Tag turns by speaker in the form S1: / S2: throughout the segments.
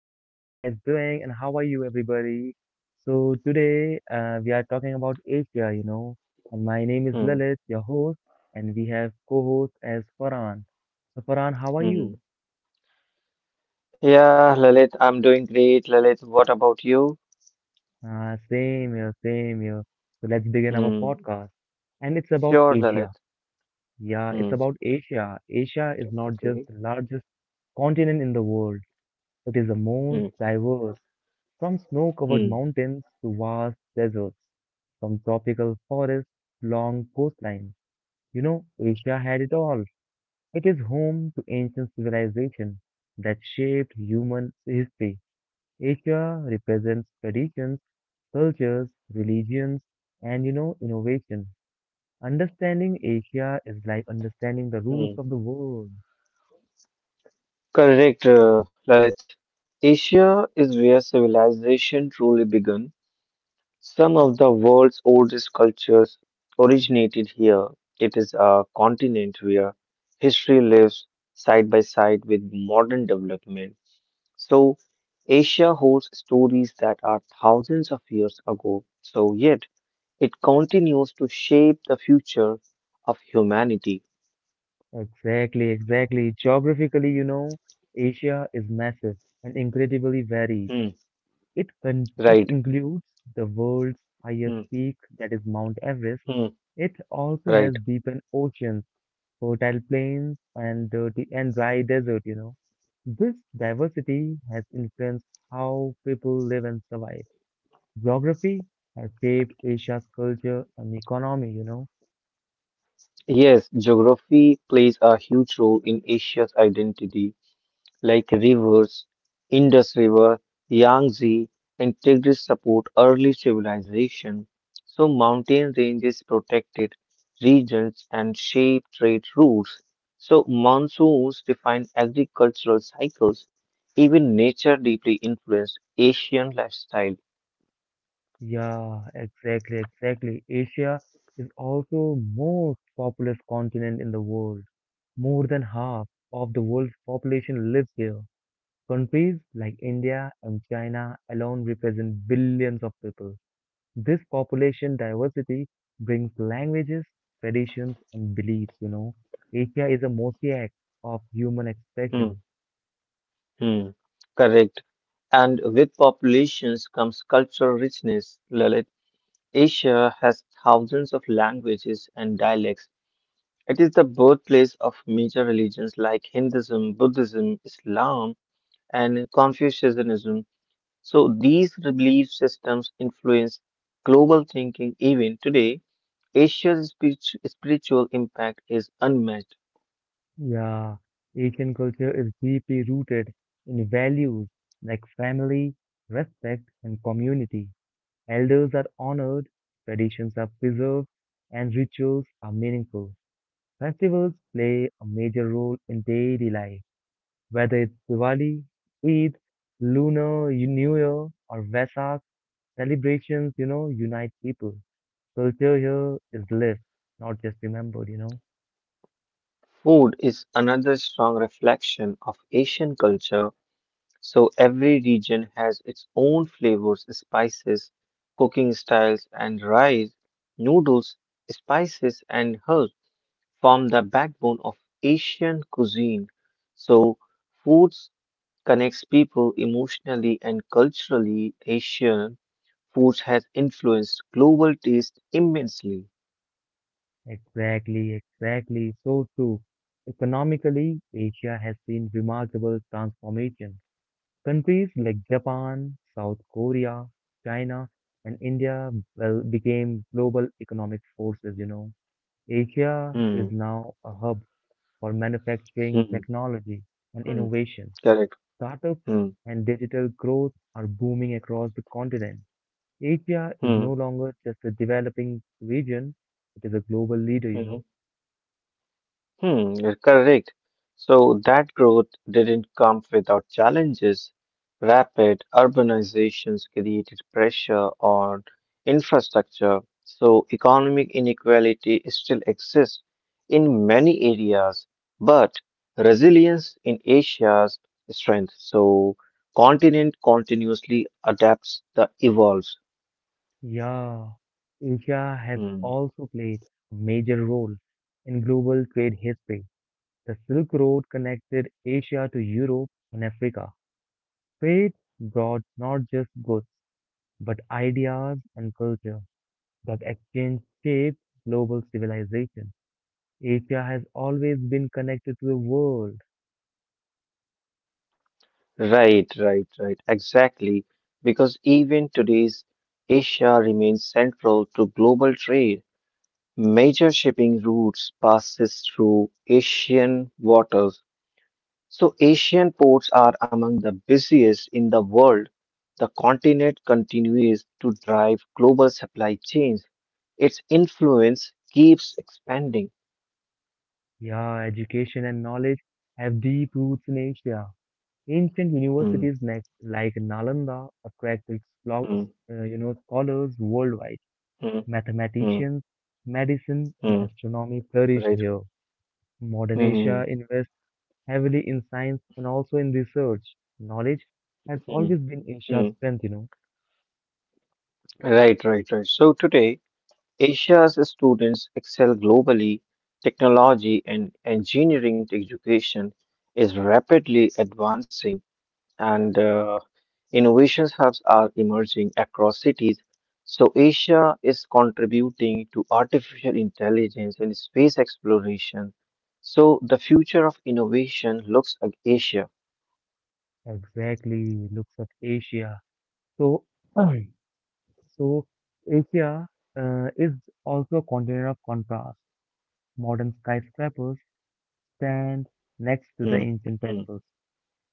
S1: What are you guys doing and how are you everybody? So today we are talking about Asia, and my name is
S2: Hmm.
S1: Lalit, your host, and we have co-host as Farhan. So Farhan, how are you?
S2: Mm. Yeah, Lalit, I'm doing great. Lalit, what about you?
S1: Same here, same here. So let's begin our
S2: Hmm.
S1: podcast, and it's about
S2: Sure,
S1: Asia.
S2: Lalit.
S1: Yeah, it's
S2: Hmm.
S1: about Asia. Asia is not just
S2: Okay.
S1: the largest continent in the world; it is the
S2: Hmm.
S1: most diverse. From snow covered
S2: Hmm.
S1: mountains to vast deserts, from tropical forests to long coastlines, Asia had it all. It is home to ancient civilization that shaped human history. Asia represents traditions, cultures, religions, and innovation. Understanding Asia is like understanding the roots
S2: Hmm.
S1: of the world.
S2: Correct, Lalit. Asia is where civilization truly began. Some of the world's oldest cultures originated here. It is a continent where history lives side by side with modern development. So, Asia holds stories that are thousands of years ago, so yet it continues to shape the future of humanity.
S1: Exactly, exactly. Geographically, Asia is massive and incredibly varied.
S2: Hmm,
S1: It
S2: right.
S1: includes the world's highest
S2: Hmm,
S1: peak, that is Mount Everest.
S2: hmm,
S1: It also
S2: right.
S1: has deepened oceans, fertile plains, and dirty and dry desert. This diversity has influenced how people live and survive. Geography has shaped Asia's culture and economy.
S2: Yes, geography plays a huge role in Asia's identity. Like rivers, Indus River, Yangtze, and Tigris support early civilization, so mountain ranges protected regions and shape trade routes. So monsoons define agricultural cycles. Even nature deeply influenced Asian lifestyle.
S1: Yeah, exactly, exactly. Asia is also most populous continent in the world. More than half of the world's population lives here. Countries like India and China alone represent billions of people. This population diversity brings languages, traditions, and beliefs. Asia is a mosaic of human
S2: Hmm,
S1: expression.
S2: hmm, correct. And with populations comes cultural richness. Lalit, Asia has thousands of languages and dialects. It is the birthplace of major religions like Hinduism, Buddhism, Islam, and Confucianism. So these belief systems influence global thinking even today. Asia's spiritual impact is unmatched.
S1: Yeah, Asian culture is deeply rooted in values like family, respect, and community. Elders are honored, traditions are preserved, and rituals are meaningful. Festivals play a major role in daily life. Whether it's Diwali, Eid, Lunar New Year, or Vesak, celebrations, unite people. Culture here is lived, not just remembered.
S2: Food is another strong reflection of Asian culture. So every region has its own flavors, spices, cooking styles, and rice, noodles, spices, and herbs form the backbone of Asian cuisine. So, foods connects people emotionally and culturally. Asian foods has influenced global taste immensely.
S1: Exactly, exactly. So true. Economically, Asia has seen remarkable transformation. Countries like Japan, South Korea, China, and India well, became global economic forces. Asia
S2: Hmm.
S1: is now a hub for manufacturing,
S2: Hmm.
S1: technology, and
S2: Hmm.
S1: innovation.
S2: Correct.
S1: Startups
S2: Hmm.
S1: and digital growth are booming across the continent. Asia is
S2: Hmm.
S1: no longer just a developing region, it is a global leader, you
S2: Hmm.
S1: know.
S2: Hmm, you're correct. So that growth didn't come without challenges. Rapid urbanizations created pressure on infrastructure, so economic inequality still exists in many areas, but resilience in Asia's strength. So continent continuously adapts the evolves.
S1: Yeah, Asia has
S2: Hmm.
S1: also played a major role in global trade history. The Silk Road connected Asia to Europe and Africa. Trade brought not just goods, but ideas and culture that exchange shaped global civilization. Asia has always been connected to the world.
S2: Right, right, right. Exactly. Because even today's Asia remains central to global trade. Major shipping routes passes through Asian waters. So Asian ports are among the busiest in the world. The continent continues to drive global supply chains. Its influence keeps expanding.
S1: Yeah, education and knowledge have deep roots in Asia. Ancient
S2: Hmm,
S1: universities like Nalanda attract
S2: hmm,
S1: scholars worldwide.
S2: hmm, hmm,
S1: Mathematicians, medicine, and
S2: hmm.
S1: astronomy flourish
S2: Right.
S1: here. Modern
S2: Hmm,
S1: Asia
S2: hmm,
S1: invests heavily in science and also in research. Knowledge has
S2: hmm.
S1: always been
S2: Hmm.
S1: Asia's strength.
S2: Right, right, right. So today, Asia's students excel globally. Technology and engineering education is rapidly advancing, and innovation hubs are emerging across cities. So, Asia is contributing to artificial intelligence and space exploration. So, the future of innovation looks at Asia.
S1: Exactly, looks at Asia. So, so Asia is also a continent of contrast. Modern skyscrapers stand next to the
S2: Mm,
S1: ancient
S2: mm,
S1: temples.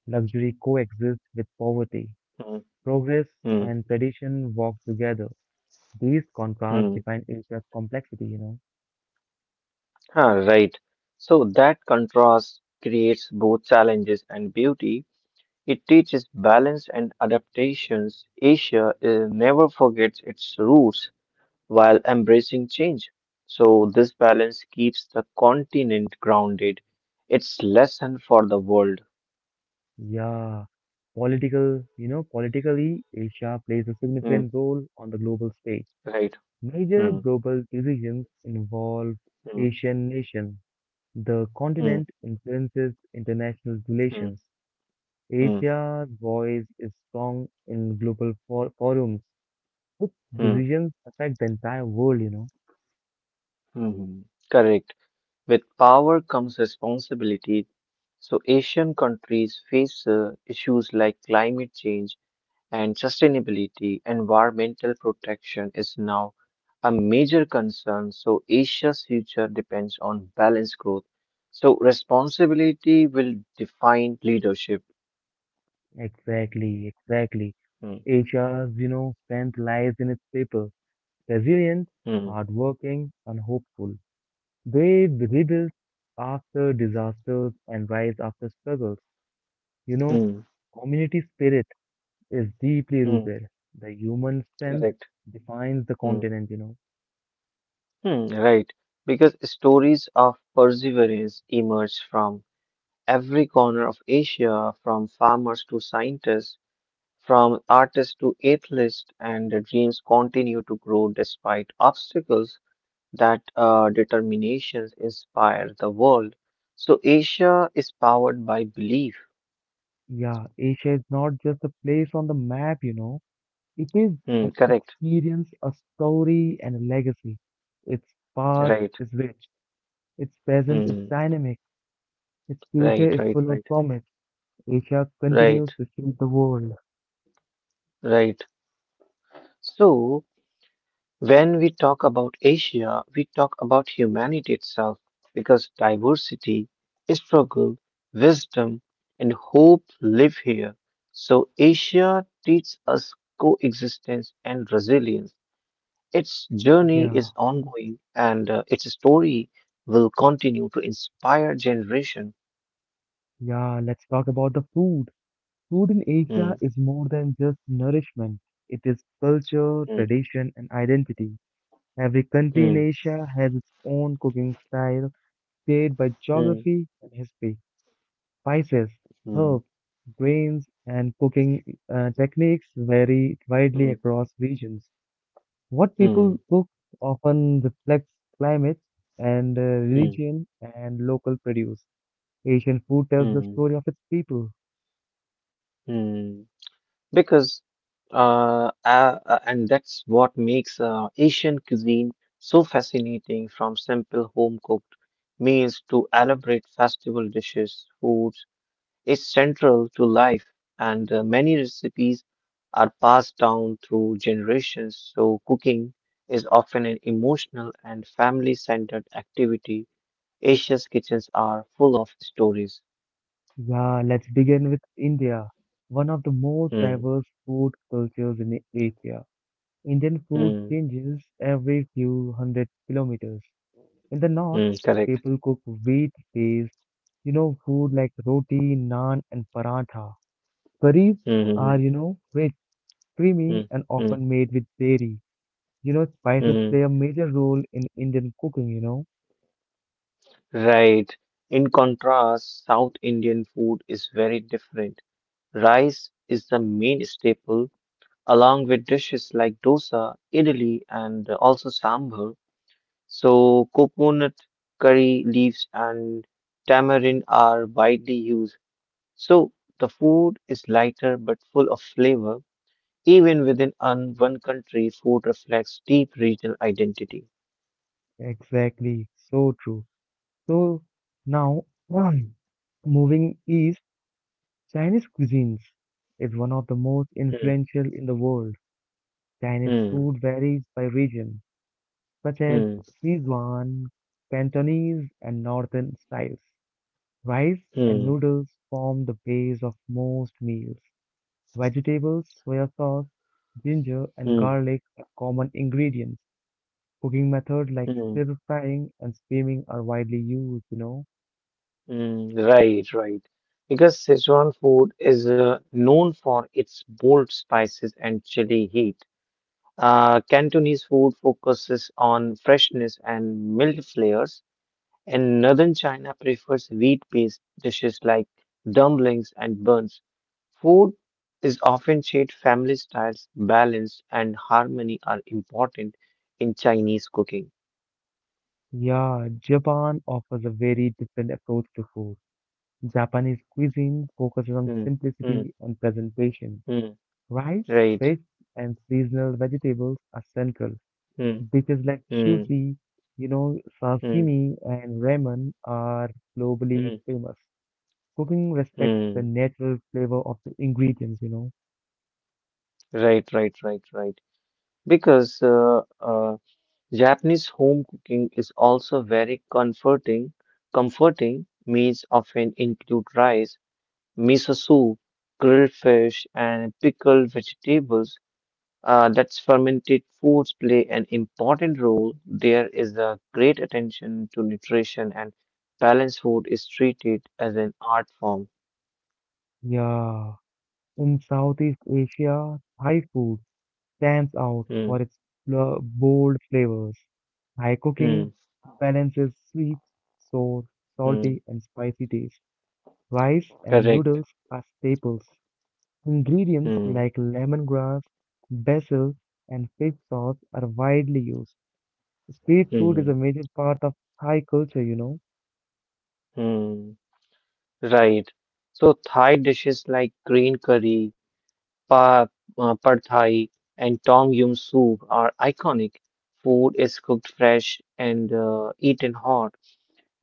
S1: Luxury coexists with poverty.
S2: mm,
S1: Progress
S2: mm,
S1: and tradition walk together. These contrasts
S2: mm.
S1: define Asia's complexity.
S2: Ah, right. So, that contrast creates both challenges and beauty. It teaches balance and adaptations. Asia never forgets its roots while embracing change. So, this balance keeps the continent grounded. It's lesson for the world.
S1: Yeah. Political, politically, Asia plays a
S2: Hmm,
S1: significant role on the global stage.
S2: right.
S1: Major
S2: Hmm,
S1: global decisions involve
S2: hmm,
S1: Asian nations. The
S2: hmm,
S1: continent influences international
S2: hmm,
S1: relations.
S2: hmm,
S1: Asia's voice is strong in global for forums. Its
S2: hmm, hmm.
S1: decisions affect the entire world.
S2: Hmm. Correct. With power comes responsibility. So, Asian countries face issues like climate change and sustainability, environmental protection is now a major concern. So, Asia's future depends on balanced growth. So, responsibility will define leadership.
S1: Exactly, exactly.
S2: Hmm,
S1: Asia's, strength lies in its people, resilient,
S2: hmm,
S1: hardworking, and hopeful. They rebuild after disasters and rise after struggles. You know,
S2: hmm,
S1: community spirit is deeply
S2: hmm,
S1: rooted. The human strength
S2: correct.
S1: defines the
S2: Hmm,
S1: continent.
S2: hmm, right. Because stories of perseverance emerge from every corner of Asia, from farmers to scientists, from artists to athletes, and the dreams continue to grow despite obstacles. That determinations inspire the world. So Asia is powered by belief.
S1: Yeah, Asia is not just a place on the map. It is
S2: Hmm,
S1: an
S2: correct.
S1: experience, a story, and a legacy. Its past
S2: Right.
S1: is rich, its present is
S2: Hmm,
S1: dynamic, its future
S2: right.
S1: is
S2: Right.
S1: full of
S2: Right.
S1: promise. Asia
S2: Right.
S1: continues to shape the world.
S2: Right. So when we talk about Asia, we talk about humanity itself because diversity, struggle, wisdom, and hope live here. So Asia teaches us coexistence and resilience. Its journey
S1: Yeah,
S2: is ongoing and its story will continue to inspire generation.
S1: yeah, let's talk about the food. Food in
S2: Hmm,
S1: Asia is more than just nourishment. It is culture,
S2: hmm,
S1: tradition, and identity. Every country in
S2: hmm,
S1: Asia has its own cooking style, shaped by
S2: hmm,
S1: geography and history. Spices, herbs, grains, and cooking techniques vary widely
S2: hmm,
S1: across regions. What
S2: hmm,
S1: people
S2: hmm,
S1: cook often reflects climate and
S2: hmm,
S1: religion and local produce. Asian food tells the story
S2: hmm,
S1: of its people.
S2: hmm. Because and that's what makes Asian cuisine so fascinating from simple home cooked meals to elaborate festival dishes, foods is central to life, and many recipes are passed down through generations. So, cooking is often an emotional and family centered activity. Asia's kitchens are full of stories.
S1: Yeah, let's begin with India, one of the most
S2: Hmm,
S1: diverse food cultures in Asia. Indian food
S2: hmm,
S1: changes every few hundred kilometers. In the north,
S2: hmm, correct.
S1: people cook wheat-based food like roti, naan, and paratha. Kareeb
S2: Hmm, hmm,
S1: are, rich,
S2: hmm,
S1: creamy, and
S2: hmm, hmm.
S1: often made with dairy. You know, spices
S2: Hmm, hmm.
S1: play a major role in Indian cooking.
S2: Right. In contrast, South Indian food is very different. Rice is the main staple, along with dishes like dosa, idli, and also sambar. So, coconut curry leaves and tamarind are widely used. So, the food is lighter but full of flavor. Even within one country, food reflects deep regional identity.
S1: Exactly, so true. So now, um, moving east, Chinese cuisines is one of the most
S2: Hmm,
S1: influential in the world. Chinese
S2: hmm,
S1: food varies by region, such as
S2: hmm,
S1: Sichuan, Cantonese, and Northern styles. Rice and
S2: hmm,
S1: noodles form the base of most meals. Vegetables, soya sauce, ginger, and
S2: hmm,
S1: garlic are common ingredients. Cooking methods like
S2: hmm,
S1: stir frying and steaming are widely used.
S2: hmm. Right, right. Because Sichuan food is known for its bold spices and chili heat. Cantonese food focuses on freshness and mild flavors. And northern China prefers wheat-based dishes like dumplings and buns. Food is often shared family styles, balance, and harmony are important in Chinese cooking.
S1: Yeah, Japan offers a very different approach to food. Japanese cuisine focuses on
S2: Hmm, hmm,
S1: simplicity and presentation.
S2: hmm,
S1: Rice,
S2: right.
S1: fish, and seasonal vegetables are central.
S2: Hmm,
S1: Because like
S2: hmm,
S1: sushi,
S2: hmm,
S1: sashimi and ramen are globally
S2: hmm,
S1: famous. Cooking respects the
S2: hmm.
S1: natural flavor of the ingredients.
S2: Right, right, right, right. Because Japanese home cooking is also very comforting. Comforting meals often include rice miso soup, grilled fish, and pickled vegetables. That's fermented foods play an important role. There is a great attention to nutrition, and balanced food is treated as an art form.
S1: Yeah, in Southeast Asia, Thai food stands out
S2: Hmm,
S1: for its bold flavors. Thai
S2: hmm,
S1: cooking balances sweet, sour,
S2: hmm.
S1: salty, and spicy taste. Rice and
S2: Correct.
S1: noodles are staples. Ingredients
S2: Hmm,
S1: like lemongrass, basil, and fish sauce are widely used. Street food is
S2: hmm,
S1: a major part of Thai culture.
S2: hmm. Right. So Thai dishes like green curry, Pa, pad thai and tom yum soup are iconic. Food is cooked fresh and eaten hot.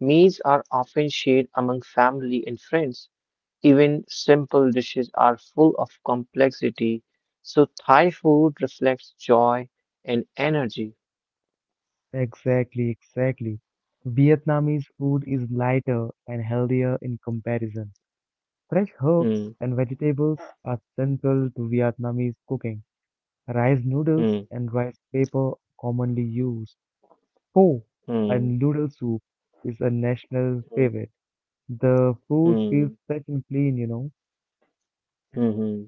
S2: Meals are often shared among family and friends. Even simple dishes are full of complexity. So Thai food reflects joy and energy.
S1: Exactly, exactly. Vietnamese food is lighter and healthier in comparison. Fresh herbs
S2: Hmm,
S1: and vegetables are central to Vietnamese cooking. Rice noodles
S2: hmm,
S1: and rice paper are commonly used. Pho
S2: hmm,
S1: and noodle soup is a national
S2: hmm,
S1: favorite. The food
S2: hmm,
S1: feels fresh and clean.
S2: hmm, hmm.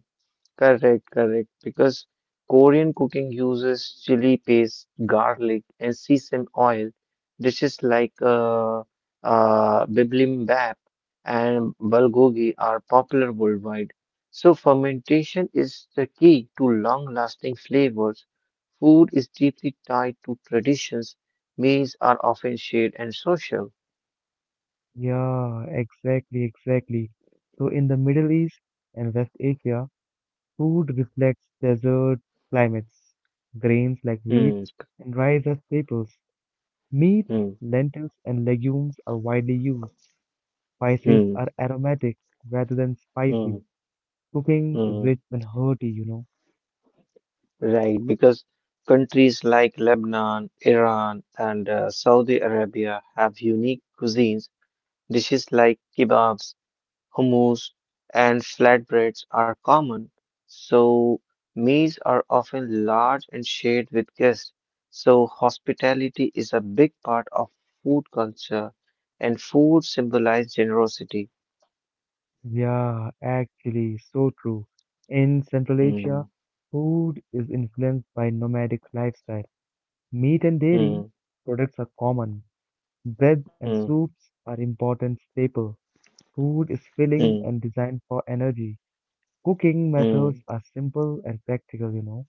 S2: Correct, correct. Because Korean cooking uses chili paste, garlic, and sesame oil. Dishes like bibimbap and bulgogi are popular worldwide. So fermentation is the key to long-lasting flavors. Food is deeply tied to traditions. Meals are often shared and social.
S1: Yeah, exactly, exactly. So in the Middle East and West Asia, food reflects desert climates. Grains like wheat
S2: Hmm,
S1: and rice are staples. Meat,
S2: hmm,
S1: lentils, and legumes are widely used. Spices
S2: hmm,
S1: are aromatic rather than
S2: hmm,
S1: spicy. Cooking is
S2: hmm.
S1: rich and hearty.
S2: Right, because countries like Lebanon, Iran, and Saudi Arabia have unique cuisines. Dishes like kebabs, hummus, and flatbreads are common. So, meals are often large and shared with guests. So, hospitality is a big part of food culture, and food symbolizes generosity.
S1: Yeah, actually, so true. In Central
S2: Hmm,
S1: Asia, food is influenced by nomadic lifestyle. Meat and dairy
S2: hmm,
S1: products are common. Bread and
S2: hmm,
S1: soups are important staple. Food is filling
S2: hmm,
S1: and designed for energy. Cooking
S2: hmm.
S1: methods are simple and practical.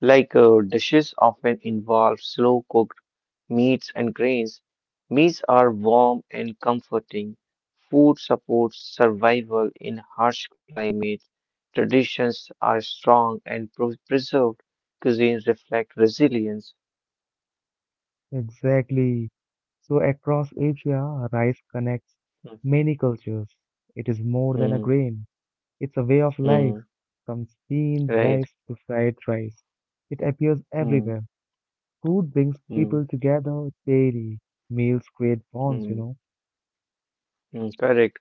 S2: Like dishes often involve slow cooked meats and grains. Meats are warm and comforting. Food supports survival in harsh climates. Traditions are strong and preserved. Cuisines reflect resilience.
S1: Exactly. So across Asia, rice connects
S2: Mm,
S1: many cultures. It is more than a
S2: mm,
S1: grain. It's a way of life,
S2: mm,
S1: from steamed
S2: right.
S1: rice to fried rice. It appears
S2: Mm,
S1: everywhere. Food brings
S2: mm,
S1: people together daily. Meals create bonds, you
S2: mm,
S1: know.
S2: mm, correct.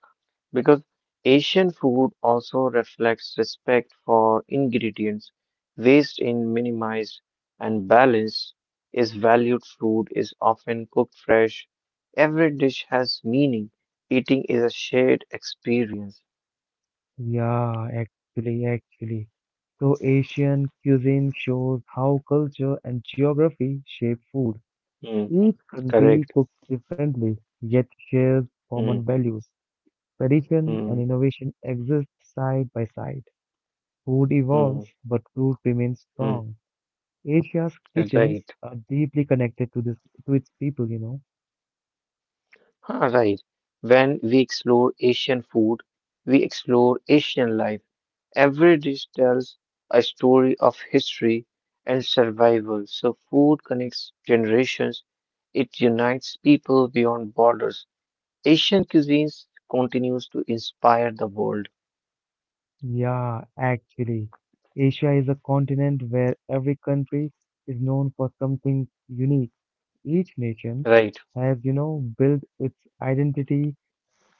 S2: Because Asian food also reflects respect for ingredients. Waste in minimized and balance is valued. Food is often cooked fresh. Every dish has meaning. Eating is a shared experience.
S1: Yeah, actually, actually. So Asian cuisine shows how culture and geography shape food.
S2: Hmm,
S1: Each country
S2: correct.
S1: cooks differently, yet shares common
S2: Hmm,
S1: values. Tradition and
S2: hmm,
S1: innovation exist side by side. Food
S2: hmm,
S1: evolves, but food remains
S2: hmm.
S1: strong. Asia's kitchens
S2: Right.
S1: are deeply connected to this to its people.
S2: Huh, right. When we explore Asian food, we explore Asian life. Every dish tells a story of history and survival. So food connects generations. It unites people beyond borders. Asian cuisines continues to inspire the world.
S1: Yeah, actually. Asia is a continent where every country is known for something unique. Each nation
S2: Right.
S1: has, built its identity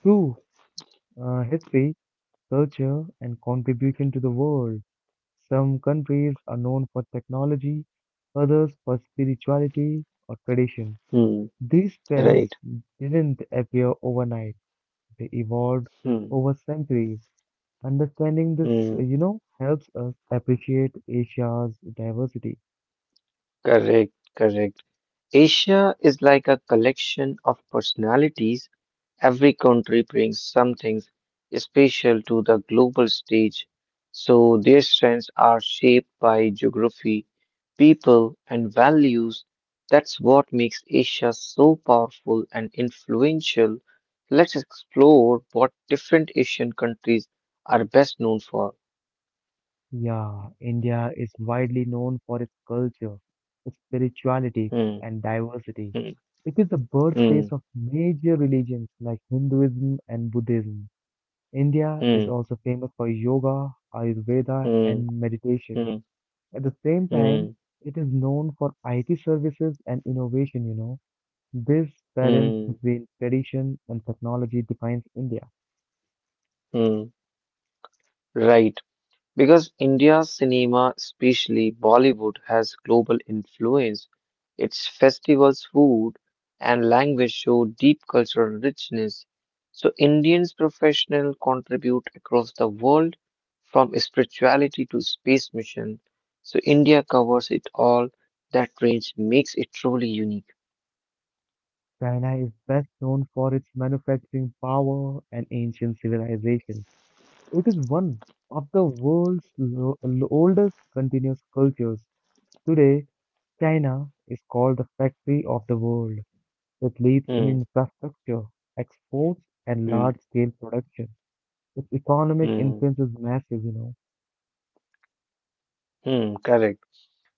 S1: through history, culture, and contribution to the world. Some countries are known for technology, others for spirituality or tradition.
S2: Hmm.
S1: These trends
S2: Right.
S1: didn't appear overnight, they evolved
S2: Hmm.
S1: over centuries. Understanding this,
S2: Hmm.
S1: helps us appreciate Asia's diversity.
S2: Correct. Correct. Asia is like a collection of personalities. Every country brings something special to the global stage, so their strengths are shaped by geography, people, and values. That's what makes Asia so powerful and influential. Let's explore what different Asian countries are best known for.
S1: Yeah, India is widely known for its culture, spirituality,
S2: Hmm,
S1: and diversity.
S2: hmm,
S1: It is the
S2: hmm,
S1: birthplace of major religions like Hinduism and Buddhism. India is
S2: hmm,
S1: also famous for yoga, Ayurveda,
S2: hmm,
S1: and
S2: hmm,
S1: meditation.
S2: hmm,
S1: At the same time,
S2: hmm,
S1: it is known for IT services and innovation. This balance
S2: hmm.
S1: between tradition and technology defines India.
S2: Hmm. Right. Because India's cinema, especially Bollywood, has global influence, its festivals, food, and language show deep cultural richness. So, Indians professionals contribute across the world from spirituality to space mission. So, India covers it all. That range makes it truly unique.
S1: China is best known for its manufacturing power and ancient civilization. It is one of the world's oldest continuous cultures. Today, China is called the factory of the world. It leads in
S2: Hmm,
S1: infrastructure, exports, and
S2: hmm,
S1: large-scale production. Its economic
S2: hmm,
S1: influence is massive.
S2: hmm, correct.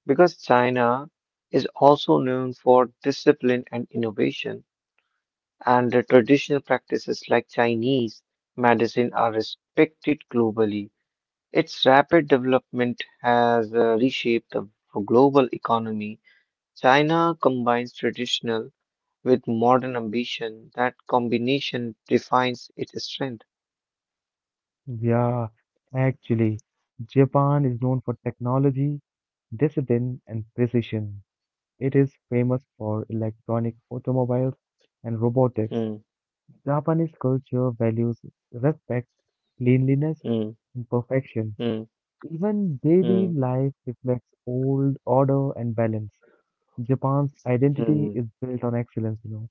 S2: Because China is also known for discipline and innovation. And the traditional practices like Chinese medicine are respected globally. Its rapid development has reshaped the global economy. China combines traditional with modern ambition. That combination defines its strength.
S1: Yeah, actually, Japan is known for technology, discipline, and precision. It is famous for electronic automobiles and robotics.
S2: Hmm,
S1: Japanese culture values respect, cleanliness,
S2: hmm,
S1: imperfection.
S2: hmm,
S1: Even daily
S2: hmm,
S1: life reflects old order and balance. Japan's
S2: hmm.
S1: identity
S2: Hmm.
S1: is built on excellence.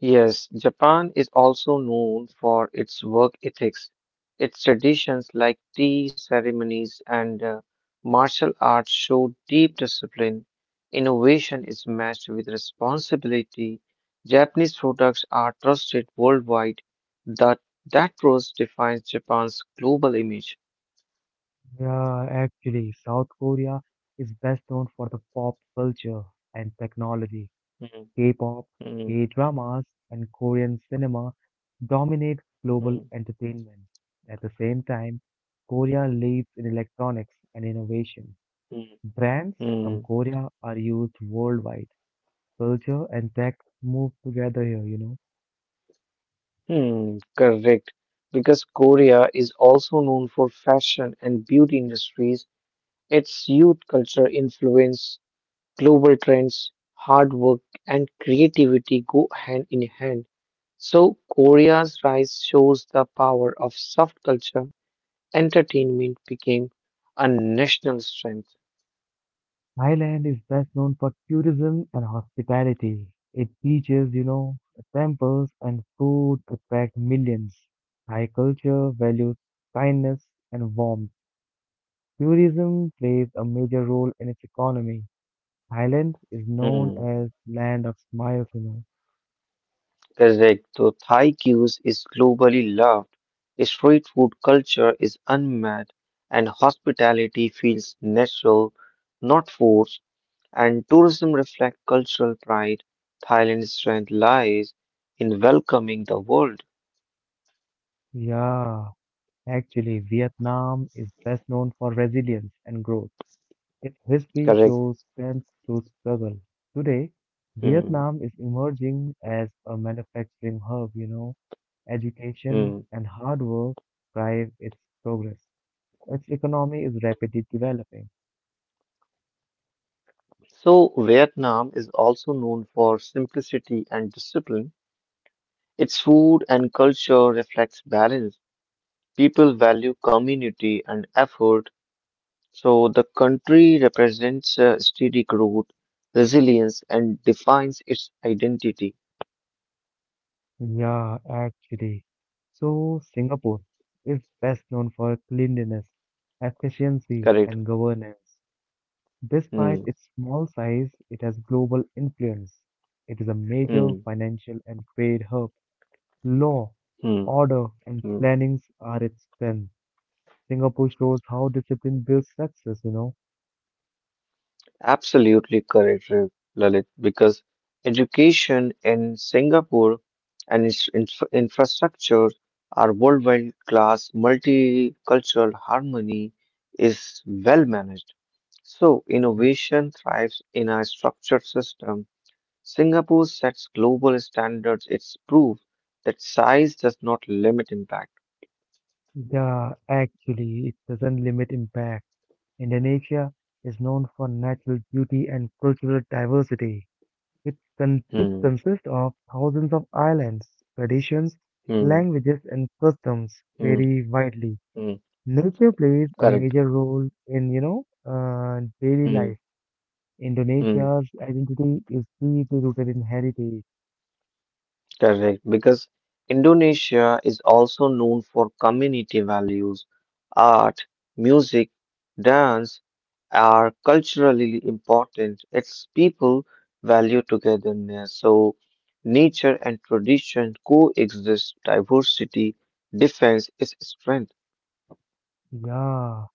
S2: Yes, Japan is also known for its work ethics. Its traditions like tea ceremonies and martial arts show deep discipline. Innovation is matched with responsibility. Japanese products are trusted worldwide. That that trust defines Japan's global image.
S1: Yeah, actually, South Korea is best known for the pop culture and technology.
S2: Mm,
S1: K-pop,
S2: mm,
S1: K-dramas, and Korean cinema dominate global
S2: mm,
S1: entertainment. At the same time, Korea leads in electronics and innovation.
S2: mm,
S1: Brands from
S2: mm,
S1: Korea are used worldwide culture and tech move together here.
S2: mm, correct. Because Korea is also known for fashion and beauty industries. Its youth culture influence, global trends, hard work, and creativity go hand in hand. So, Korea's rise shows the power of soft culture. Entertainment became a national strength.
S1: Thailand is best known for tourism and hospitality. Its beaches, temples and food attract millions. Thai culture values kindness and warmth. Tourism plays a major role in its economy. Thailand is known
S2: Hmm,
S1: as land of smiles.
S2: correct. So Thai cues is globally loved. Street food culture is unmatched, and hospitality feels natural, not forced. And tourism reflect cultural pride. Thailand's strength lies in welcoming the world.
S1: Yeah, actually, Vietnam is best known for resilience and growth. Its history
S2: Correct.
S1: shows strength through struggle. Today,
S2: Hmm,
S1: Vietnam is emerging as a manufacturing hub. Education
S2: hmm.
S1: and hard work drive its progress. Its economy is rapidly developing.
S2: So, Vietnam is also known for simplicity and discipline. Its food and culture reflects balance. People value community and effort, so the country represents steady growth, resilience, and defines its identity.
S1: Yeah, actually. So, Singapore is best known for cleanliness, efficiency,
S2: Correct.
S1: and governance. Despite
S2: Hmm,
S1: its small size, it has global influence. It is a major
S2: hmm,
S1: financial and trade hub. Law,
S2: hmm,
S1: order, and
S2: hmm.
S1: plannings are its strength. Singapore shows how discipline builds success.
S2: Absolutely correct, Lalit, because education in Singapore and its infrastructure are worldwide class, multicultural harmony is well managed. So, innovation thrives in a structured system. Singapore sets global standards. It's proof that size does not limit impact.
S1: Yeah, actually, it doesn't limit impact. Indonesia is known for natural beauty and cultural diversity. It
S2: Hmm,
S1: consists of thousands of islands, traditions,
S2: hmm,
S1: languages, and customs
S2: hmm,
S1: vary widely.
S2: hmm.
S1: Nature plays a
S2: Correct.
S1: major role in, daily
S2: Hmm,
S1: life.
S2: hmm.
S1: Indonesia's identity is deeply rooted in heritage.
S2: Correct, because Indonesia is also known for community values, art, music, dance are culturally important. Its people value togetherness. So nature and tradition coexist. Diversity, defense is strength.
S1: Yeah,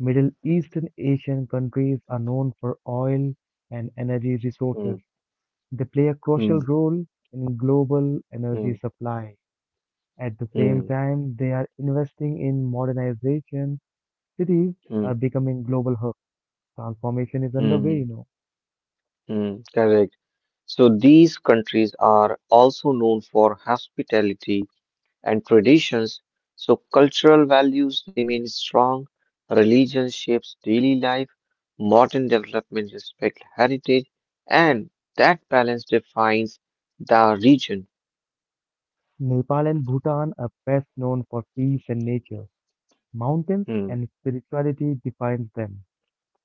S1: Middle Eastern Asian countries are known for oil and energy
S2: Hmm,
S1: resources. They play a crucial
S2: hmm,
S1: role in global energy
S2: hmm,
S1: supply. At the same
S2: hmm,
S1: time, they are investing in modernization. Cities
S2: hmm,
S1: are becoming global hubs. Transformation is underway,
S2: hmm,
S1: you know.
S2: hmm. Correct. So these countries are also known for hospitality and traditions, so cultural values remain strong. Religion shapes daily life, modern development respects heritage, and that balance defines the region.
S1: Nepal and Bhutan are best known for peace and nature. Mountains
S2: Hmm,
S1: and spirituality defines them.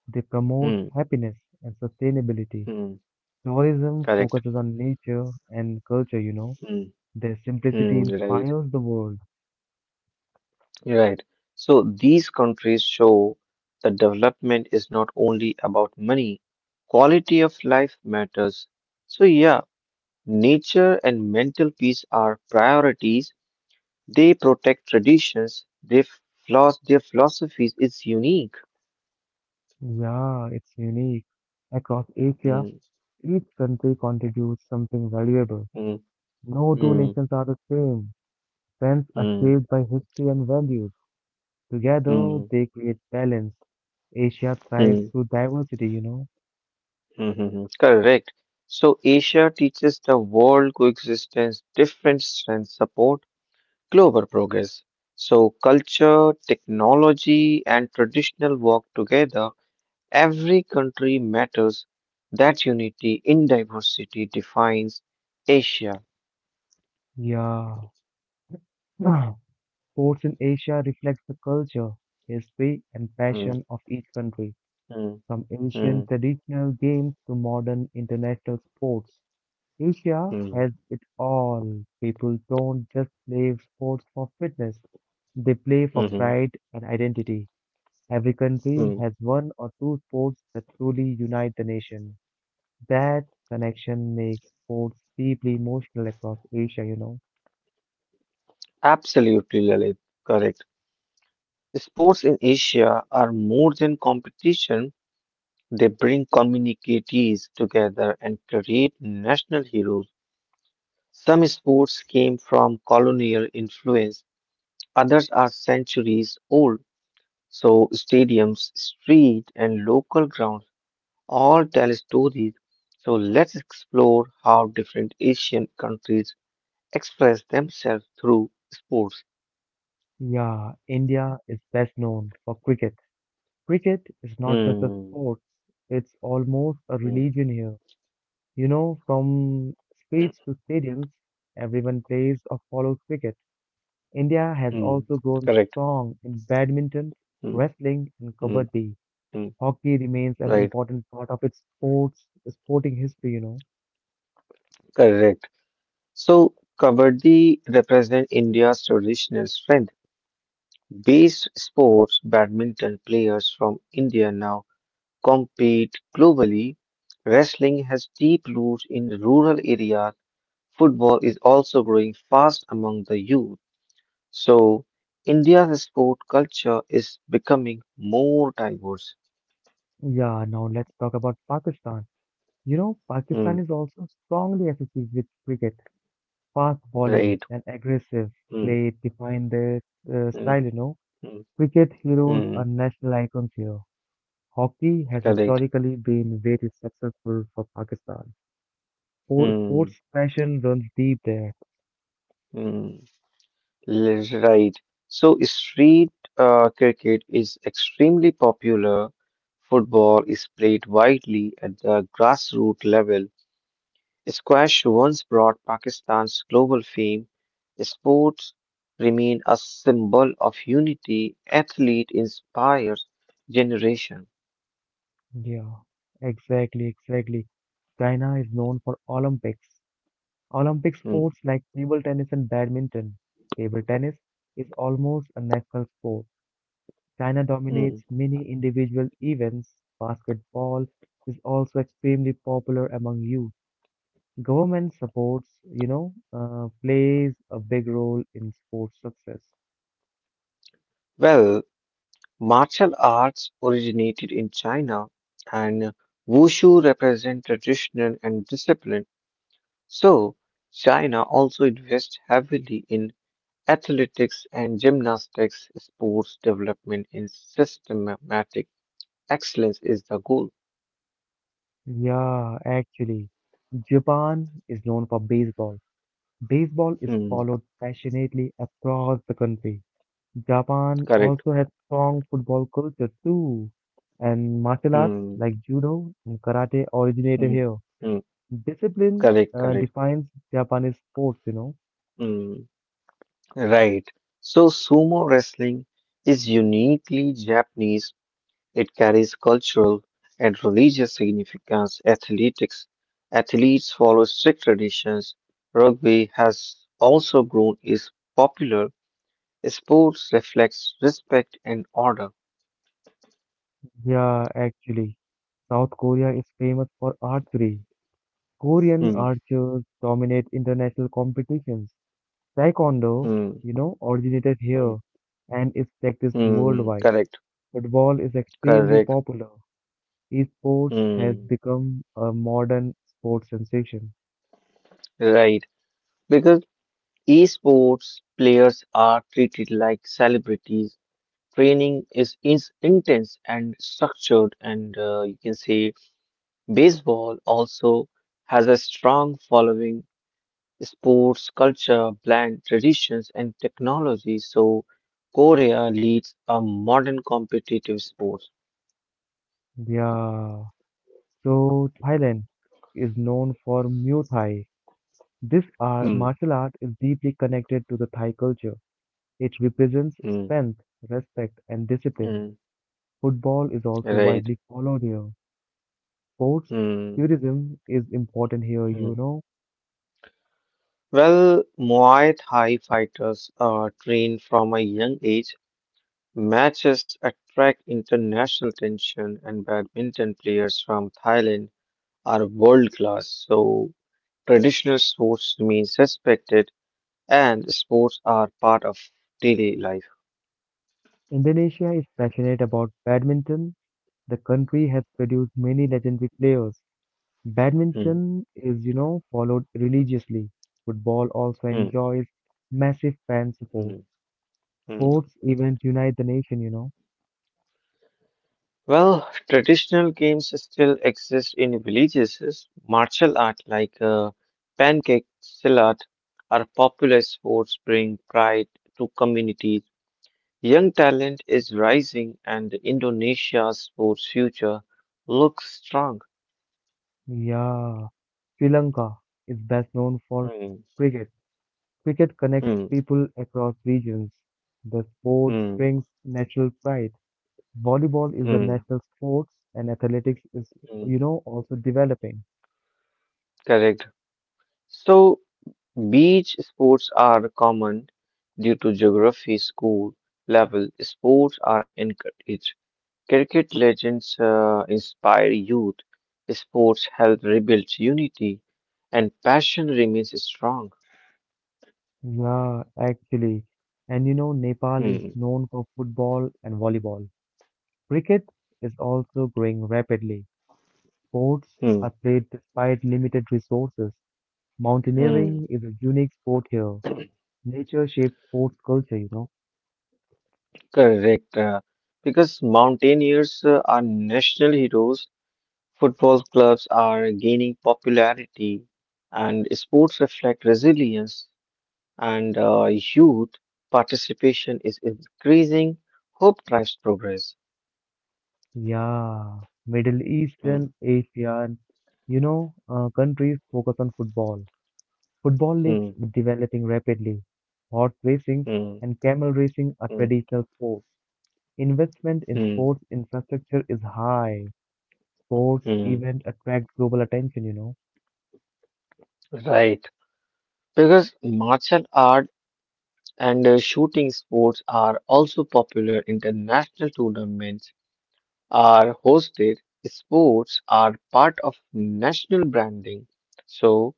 S1: They promote
S2: hmm,
S1: happiness and sustainability.
S2: hmm,
S1: Tourism
S2: correct.
S1: focuses on nature and culture.
S2: Hmm,
S1: Their simplicity
S2: hmm, right,
S1: inspires the world.
S2: right. So these countries show that development is not only about money, quality of life matters. So, yeah, nature and mental peace are priorities. They protect traditions. Their philosophies is unique.
S1: Yeah, it's unique. Across Asia,
S2: Mm,
S1: each country contributes something valuable.
S2: mm,
S1: No two
S2: mm,
S1: nations are the same. Trends are
S2: mm,
S1: shaped by history and values. Together,
S2: mm,
S1: they create balance. Asia thrives
S2: mm,
S1: through diversity.
S2: mm, mm. Correct. So Asia teaches the world coexistence, different strengths support global progress. So culture, technology, and traditional work together. Every country matters. That unity in diversity defines Asia.
S1: Yeah. Sports in Asia reflects the culture, history, and
S2: Mm,
S1: passion of each country.
S2: mm,
S1: From
S2: mm,
S1: ancient traditional games to modern international sports, Asia
S2: mm,
S1: has it all. People don't just play sports for fitness, they play for
S2: mhm,
S1: pride and identity. Every country
S2: mm.
S1: has one or two sports that truly unite the nation. That connection makes sports deeply emotional across Asia.
S2: Absolutely, Lalit. Correct. Sports in Asia are more than competition. They bring communities together and create national heroes. Some sports came from colonial influence, others are centuries old. So, stadiums, street, and local grounds all tell stories. So, let's explore how different Asian countries express themselves through sports.
S1: Yeah, India is best known for cricket. Cricket is not just a
S2: Hmm.
S1: sport, it's almost a
S2: Hmm.
S1: religion here. You know, from streets to stadiums, everyone plays or follows cricket. India has
S2: hmm.
S1: also grown
S2: Correct.
S1: strong in badminton,
S2: Mm,
S1: wrestling, and
S2: mm,
S1: kabaddi.
S2: mm.
S1: Hockey remains an
S2: Right,
S1: important part of its sports sporting history.
S2: correct. So, Kabaddi represent India's traditional strength. Based sports, badminton players from India now compete globally. Wrestling has deep roots in rural areas. Football is also growing fast among the youth. So, India's sport culture is becoming more diverse.
S1: Yeah, now let's talk about Pakistan. You know, Pakistan
S2: Mm,
S1: is also strongly associated with cricket. Fast bowling
S2: right.
S1: and aggressive
S2: Mm,
S1: play define their
S2: mm,
S1: style.
S2: mm,
S1: Cricket heroes are
S2: mm,
S1: national icons here. Hockey has
S2: correct.
S1: historically been very successful for Pakistan.
S2: Mm,
S1: Sports passion runs deep there.
S2: mm. Right. So street cricket is extremely popular. Football is played widely at the grassroots level. Squash once brought Pakistan's global fame. Sports remain a symbol of unity. Athlete inspires generation.
S1: Yeah, exactly. China is known for Olympics. Olympic
S2: Mm,
S1: sports like table tennis and badminton. Table tennis is almost a national sport. China
S2: mm.
S1: dominates many individual events. Basketball is also extremely popular among youth. Government supports, plays a big role in sports success.
S2: Well, martial arts originated in China, and wushu represent tradition and discipline. So, China also invests heavily in athletics and gymnastics. Sports development in systematic excellence is the goal.
S1: Yeah, actually, Japan is known for baseball. Baseball is
S2: Hmm,
S1: followed passionately across the country. Japan
S2: correct.
S1: also has strong football culture too, and martial arts
S2: Hmm,
S1: like judo and karate originated
S2: hmm,
S1: here.
S2: hmm,
S1: Discipline
S2: correct, correct.
S1: defines Japanese sports.
S2: Hmm, right. So, sumo wrestling is uniquely Japanese. It carries cultural and religious significance. Athletics athletes follow strict traditions. Rugby has also grown its popular. Sports reflects respect and order.
S1: Yeah, actually, South Korea is famous for archery. Korean
S2: Hmm,
S1: archers dominate international competitions. Taekwondo,
S2: hmm,
S1: originated
S2: hmm,
S1: here and is practiced
S2: hmm.
S1: worldwide.
S2: Correct,
S1: Football is extremely
S2: correct.
S1: popular. Esports has
S2: Hmm,
S1: become a modern sports sensation.
S2: right. Because esports players are treated like celebrities. Training is intense and structured, and you can say baseball also has a strong following, sports culture blend traditions and technology, so Korea leads a modern competitive sports.
S1: Yeah. So Thailand is known for Muay Thai. This art,
S2: Hmm,
S1: martial art is deeply connected to the Thai culture. It represents
S2: hmm,
S1: strength, respect, and discipline.
S2: hmm,
S1: Football is also
S2: right.
S1: widely followed here. Sports
S2: Hmm,
S1: tourism is important here,
S2: hmm.
S1: you know.
S2: Well, Muay Thai fighters are trained from a young age. Matches attract international attention, and badminton players from Thailand are world class. So, traditional sports remains respected and sports are part of daily life.
S1: Indonesia is passionate about badminton. The country has produced many legendary players.
S2: Hmm,
S1: Badminton is, followed religiously. Football also
S2: hmm,
S1: enjoys massive fan support.
S2: hmm, hmm.
S1: Sports events unite the nation.
S2: Well, traditional games still exist in villages. Martial art like pancake silat are popular sports bring pride to communities. Young talent is rising and Indonesia's sports future looks strong.
S1: Yeah. Sri Lanka is best known for
S2: Hmm,
S1: cricket. Cricket connects
S2: hmm,
S1: people across regions. The sport
S2: hmm,
S1: brings national pride. Volleyball is the
S2: hmm,
S1: national sports and athletics is,
S2: hmm.
S1: also developing.
S2: Correct. So beach sports are common due to geography, school level sports are encouraged. Cricket legends inspire youth. Sports help rebuild unity, and passion remains strong.
S1: Yeah, actually. And you know, Nepal is
S2: Hmm,
S1: known for football and volleyball. Cricket is also growing rapidly. Sports
S2: hmm,
S1: are played despite limited resources.
S2: hmm.
S1: Mountaineering is a unique sport here. Nature shapes sports culture.
S2: Correct. Because mountaineers are national heroes, football clubs are gaining popularity, and sports reflect resilience. And youth participation is increasing, hope drives progress.
S1: Yeah, Middle
S2: Hmm,
S1: Eastern, Asian, countries focus on football. Football leagues
S2: hmm,
S1: developing rapidly. Horse racing
S2: hmm,
S1: and camel racing are
S2: hmm,
S1: traditional sports. Investment in
S2: hmm,
S1: sports infrastructure is high. Sports
S2: hmm.
S1: events attract global attention.
S2: Right. Because martial art and shooting sports are also popular. International tournaments are hosted. Sports are part of national branding. So,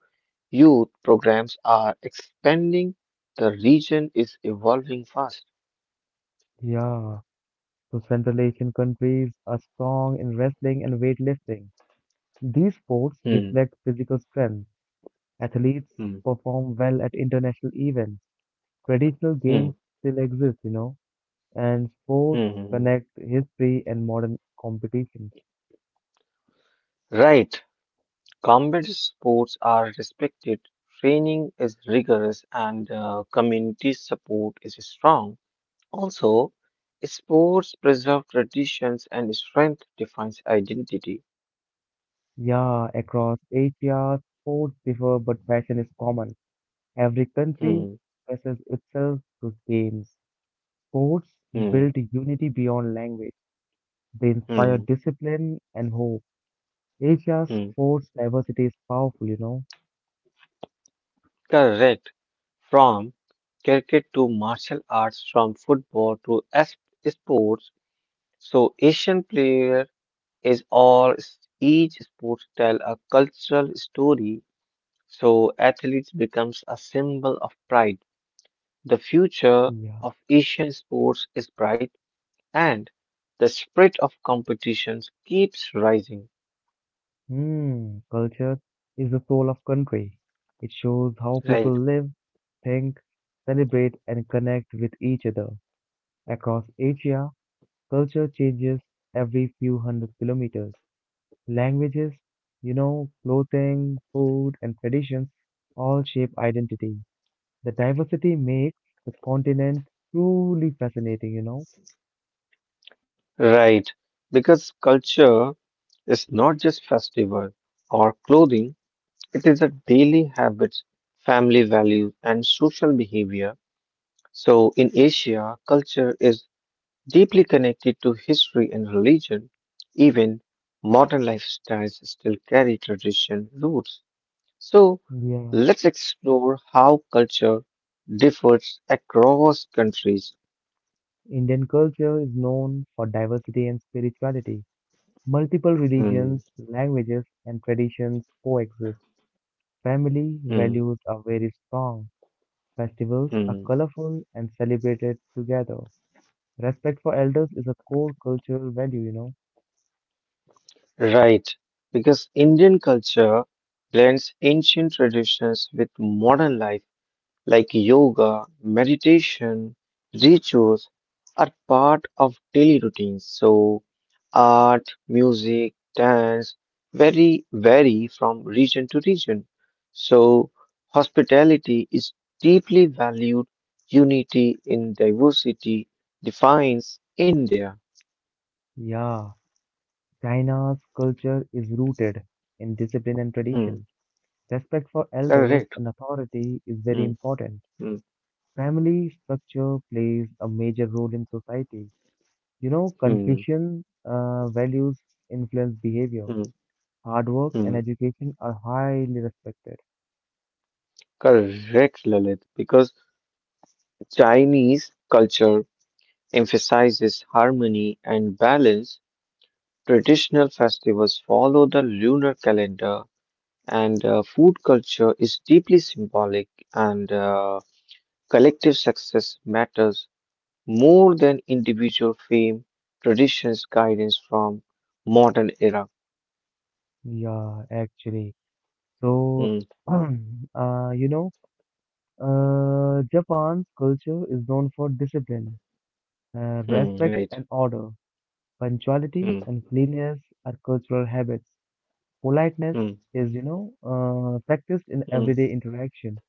S2: youth programs are expanding. The region is evolving fast.
S1: Yeah. So Central Asian countries are strong in wrestling and weightlifting. These sports
S2: Hmm,
S1: reflect physical strength. Athletes
S2: hmm,
S1: perform well at international events. Traditional
S2: hmm, hmm.
S1: games still exist, and sports
S2: hmm, hmm.
S1: connect history and modern competition.
S2: Right, combat sports are respected, training is rigorous, and community support is strong. Also, sports preserve traditions and strength defines identity.
S1: Yeah, across Asia, sports differ, but passion is common. Every country
S2: Hmm,
S1: expresses itself through games. Sports
S2: hmm,
S1: build unity beyond language. They inspire
S2: hmm,
S1: discipline and hope. Asia's
S2: hmm.
S1: sports diversity is powerful.
S2: Correct. From cricket to martial arts, from football to sports, so Asian player is all each sport tell a cultural story. So athletes becomes a symbol of pride. The future
S1: Yeah.
S2: of Asian sports is bright and the spirit of competitions keeps rising.
S1: Hmm. Culture is the soul of country. It shows how people
S2: Right.
S1: live, think, celebrate, and connect with each other. Across Asia, culture changes every few hundred kilometers. Languages, clothing, food, and traditions all shape identity. The diversity makes the continent truly fascinating.
S2: Right. Because culture is not just festival or clothing, it is a daily habits, family values and social behavior. So in Asia, culture is deeply connected to history and religion. Even modern lifestyles still carry tradition roots. So,
S1: Yeah.
S2: let's explore how culture differs across countries.
S1: Indian culture is known for diversity and spirituality. Multiple
S2: Hmm,
S1: religions, languages, and traditions coexist. Family
S2: hmm,
S1: values are very strong. Festivals are
S2: hmm.
S1: colorful and celebrated together. Respect for elders is a core cultural value.
S2: Right, because Indian culture blends ancient traditions with modern life like yoga, meditation, rituals are part of daily routines. So, art, music, dance very vary from region to region. So, hospitality is deeply valued. Unity in diversity defines India.
S1: Yeah. China's culture is rooted in discipline and
S2: Hmm,
S1: tradition. Respect for elders
S2: correct.
S1: and authority is very
S2: Hmm,
S1: important.
S2: hmm,
S1: Family structure plays a major role in society. You know,
S2: hmm,
S1: Confucian values influence behavior.
S2: hmm,
S1: Hard work and
S2: hmm.
S1: education are highly respected.
S2: Correct, Lalit, because Chinese culture emphasizes harmony and balance, traditional festivals follow the lunar calendar, and food culture is deeply symbolic, and collective success matters more than individual fame, traditions, guidance from modern era.
S1: Yeah, actually. So,
S2: Mm,
S1: uh, you know, Japan's culture is known for discipline,
S2: mm,
S1: respect,
S2: right.
S1: and order. Punctuality
S2: Mm,
S1: and cleanliness are cultural habits. Politeness
S2: mm,
S1: is, practiced in
S2: mm,
S1: everyday interaction.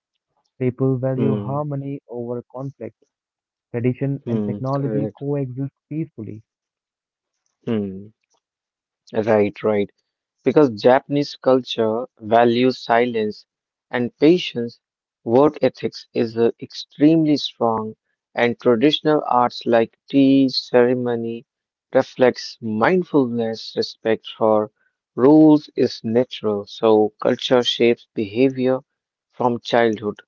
S1: People value
S2: mm,
S1: harmony over conflict. Tradition and
S2: mm,
S1: technology
S2: correct.
S1: coexist peacefully.
S2: Mm, right, right. Because Japanese culture values silence and patience. Work ethics is extremely strong, and traditional arts like tea ceremony reflects mindfulness. Respect for rules is natural, so culture shapes behavior from childhood.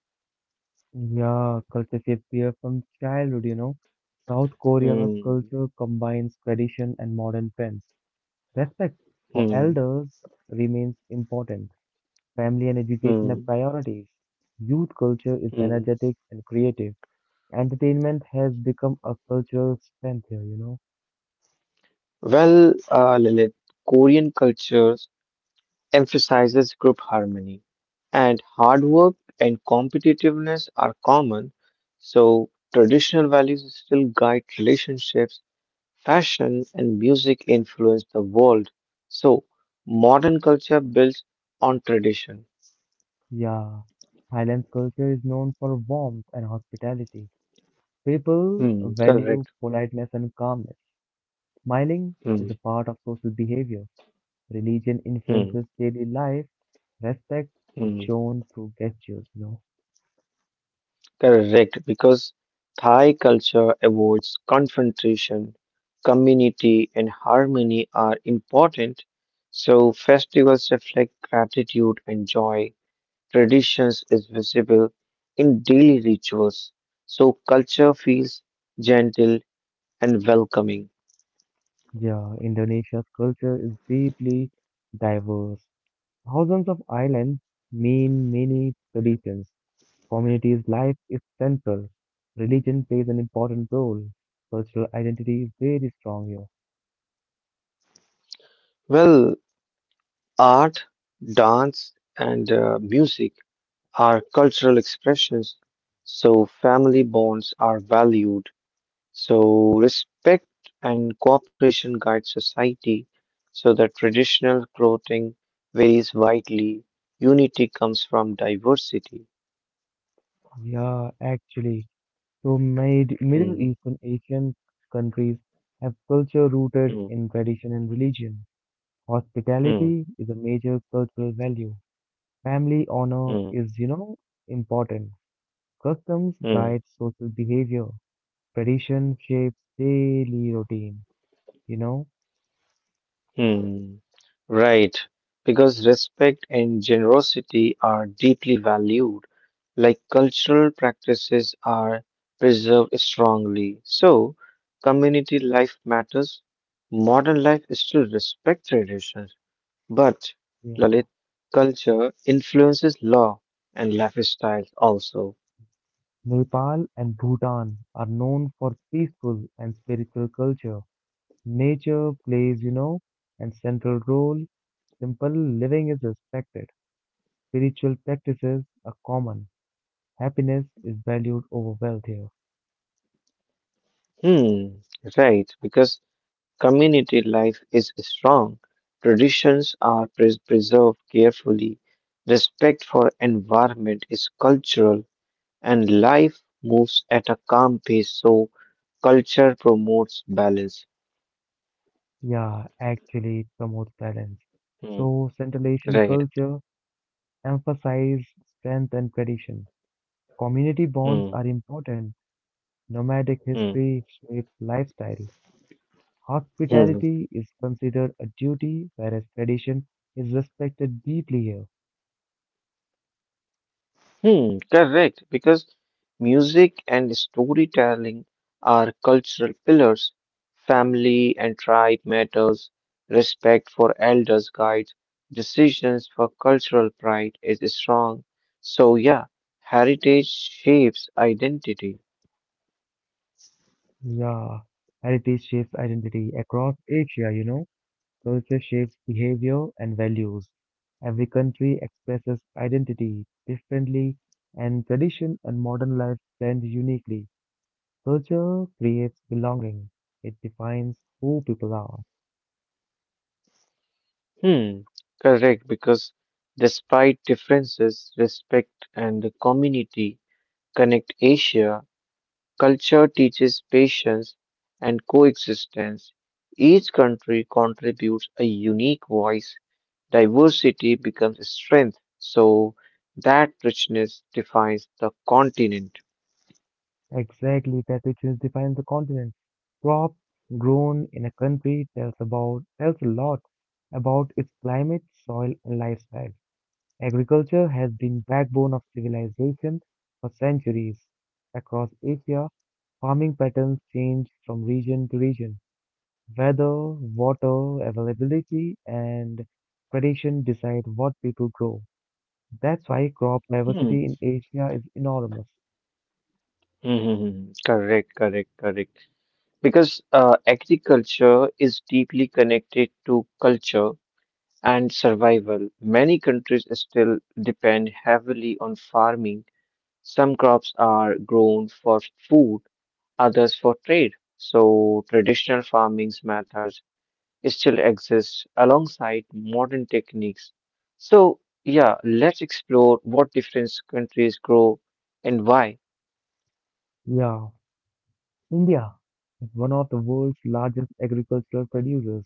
S1: Yeah, culture shapes here from childhood. South Korea's
S2: Hmm,
S1: culture combines tradition and modern trends. Respect for
S2: hmm,
S1: elders remains important. Family and education are
S2: hmm,
S1: priorities. Youth culture is
S2: hmm.
S1: energetic and creative. Entertainment has become a cultural strength here.
S2: Well, Lilith, Korean cultures emphasizes group harmony, and hard work and competitiveness are common, so traditional values still guide relationships, fashion, and music influence the world. So modern culture builds on tradition.
S1: Yeah, Thailand's culture is known for warmth and hospitality. People
S2: Hmm,
S1: value
S2: correct.
S1: politeness and calmness. Smiling
S2: Hmm,
S1: is a part of social behavior. Religion
S2: hmm,
S1: influences daily life. Respect is
S2: hmm.
S1: shown through gestures.
S2: Correct, because Thai culture avoids confrontation, community, and harmony are important. So, festivals reflect gratitude and joy. Traditions is visible in daily rituals. So, culture feels gentle and welcoming.
S1: Yeah, Indonesia's culture is deeply diverse. Thousands of islands mean many traditions. Community's life is central. Religion plays an important role. Cultural identity is very strong here.
S2: Well, art, dance, and music are cultural expressions. So, family bonds are valued. So, respect and cooperation guide society so that traditional clothing varies widely. Unity comes from diversity.
S1: Yeah, actually. So, made Middle
S2: Hmm,
S1: Eastern Asian countries have culture rooted
S2: hmm,
S1: in tradition and religion.
S2: hmm,
S1: Hospitality is a major cultural value. Family honor
S2: hmm,
S1: is, important. Customs
S2: hmm,
S1: guide social behavior. Tradition shapes daily routine, you know?
S2: hmm. Right, because respect and generosity are deeply valued, like cultural practices are preserved strongly. So, community life matters. Modern life still respect tradition. But
S1: Yeah.
S2: Lalit culture influences law and lifestyles also.
S1: Nepal and Bhutan are known for peaceful and spiritual culture. Nature plays, an central role. Simple living is respected. Spiritual practices are common. Happiness is valued over wealth here.
S2: Hmm, right, because community life is strong. Traditions are preserved carefully. Respect for environment is cultural and life moves at a calm pace. So culture promotes balance.
S1: Yeah, actually, it promotes balance.
S2: Hmm,
S1: So, Central Asian
S2: right.
S1: culture emphasizes strength and tradition. Community bonds
S2: Hmm,
S1: are important. Nomadic
S2: hmm,
S1: history shapes lifestyle.
S2: hmm.
S1: Hospitality is considered a duty, whereas tradition is respected deeply here.
S2: Hmm, correct, because music and storytelling are cultural pillars. Family and tribe matters, respect for elders guides, decisions for cultural pride is strong. So yeah, heritage shapes identity.
S1: Yeah, heritage shapes identity across Asia. Culture shapes behavior and values. Every country expresses identity differently, and tradition and modern life blend uniquely. Culture creates belonging, it defines who people are.
S2: Hmm, correct, because despite differences, respect and the community connect Asia. Culture teaches patience and coexistence. Each country contributes a unique voice. Diversity becomes strength. So that richness defines the continent.
S1: Exactly, that richness defines the continent. Crop grown in a country tells a lot about its climate, soil, and lifestyle. Agriculture has been backbone of civilization for centuries. Across Asia, farming patterns change from region to region. Weather, water availability, and tradition decide what people grow. That's why crop
S2: Hmm. hmm,
S1: diversity in Asia is enormous.
S2: hmm, hmm. hmm. Correct, correct, correct. Because agriculture is deeply connected to culture and survival. Many countries still depend heavily on farming. Some crops are grown for food, others for trade. So traditional farming methods still exist alongside modern techniques. So yeah, let's explore what different countries grow and why.
S1: Yeah, India is one of the world's largest agricultural producers.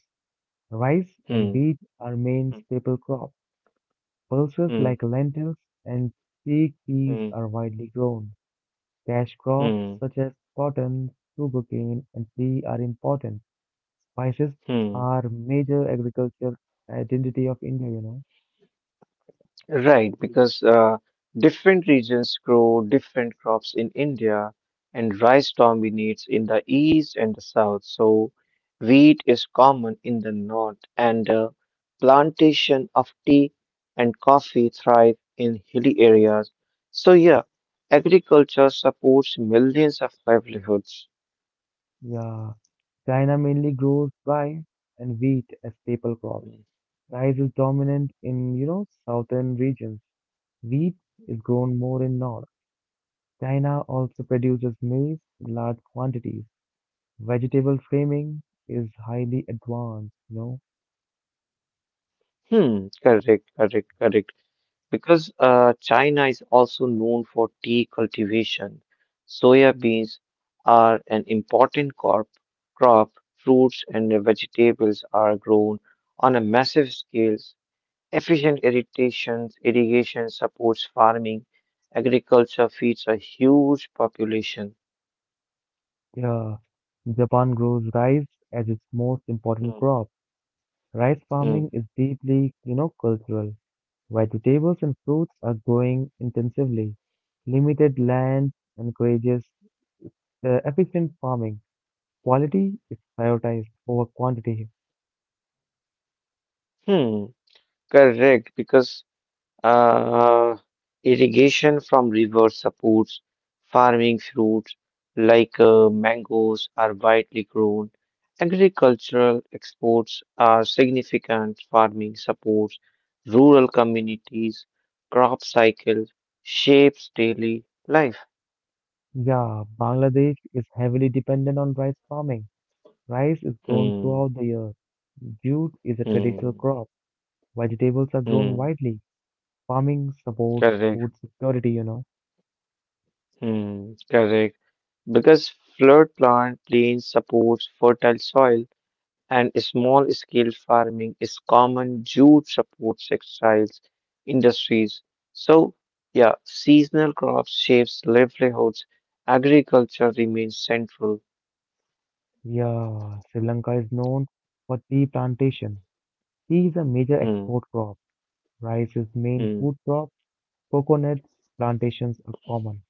S1: Rice and
S2: Hmm.
S1: wheat are main
S2: Hmm.
S1: staple crops. Pulses
S2: Hmm.
S1: like lentils and fig peas
S2: Hmm.
S1: are widely grown. Cash crops
S2: Hmm.
S1: such as cotton, sugarcane, and tea are important. Spices
S2: hmm.
S1: are major agricultural identity of India.
S2: Right, because different regions grow different crops in India, and rice dominates in the east and the south. So, wheat is common in the north, and plantation of tea and coffee thrive in hilly areas. So, yeah, agriculture supports millions of livelihoods.
S1: Yeah. China mainly grows rice and wheat as staple crops. Rice is dominant in, southern regions. Wheat is grown more in North. China also produces maize in large quantities. Vegetable framing is highly advanced.
S2: Hmm, correct, correct, correct. Because China is also known for tea cultivation, soya beans are an important crop. Fruits and vegetables are grown on a massive scale. Irrigation supports farming. Agriculture feeds a huge population.
S1: Yeah. Japan grows rice as its most
S2: Hmm.
S1: important crop. Rice
S2: Hmm.
S1: farming is deeply, cultural. Vegetables and fruits are growing intensively. Limited land encourages efficient farming. Quality is prioritized over quantity.
S2: Hmm. Correct, because Uh, irrigation from rivers supports farming fruits like mangoes are widely grown. Agricultural exports are significant. Farming supports rural communities. Crop cycle shapes daily life.
S1: Yeah, Bangladesh is heavily dependent on rice farming. Rice is grown
S2: Hmm,
S1: throughout the year. Jute is a traditional
S2: hmm,
S1: crop. Vegetables are grown
S2: hmm,
S1: widely. Farming supports
S2: correct.
S1: food security.
S2: Hmm, correct. Because floodplain plains supports fertile soil and small scale farming is common due supports textiles industries. So yeah, seasonal crops shapes livelihoods. Agriculture remains central.
S1: Yeah, Sri Lanka is known for tea plantation. Tea is a major
S2: Hmm,
S1: export crop. Rice is main
S2: hmm,
S1: food crop. Coconut plantations are common.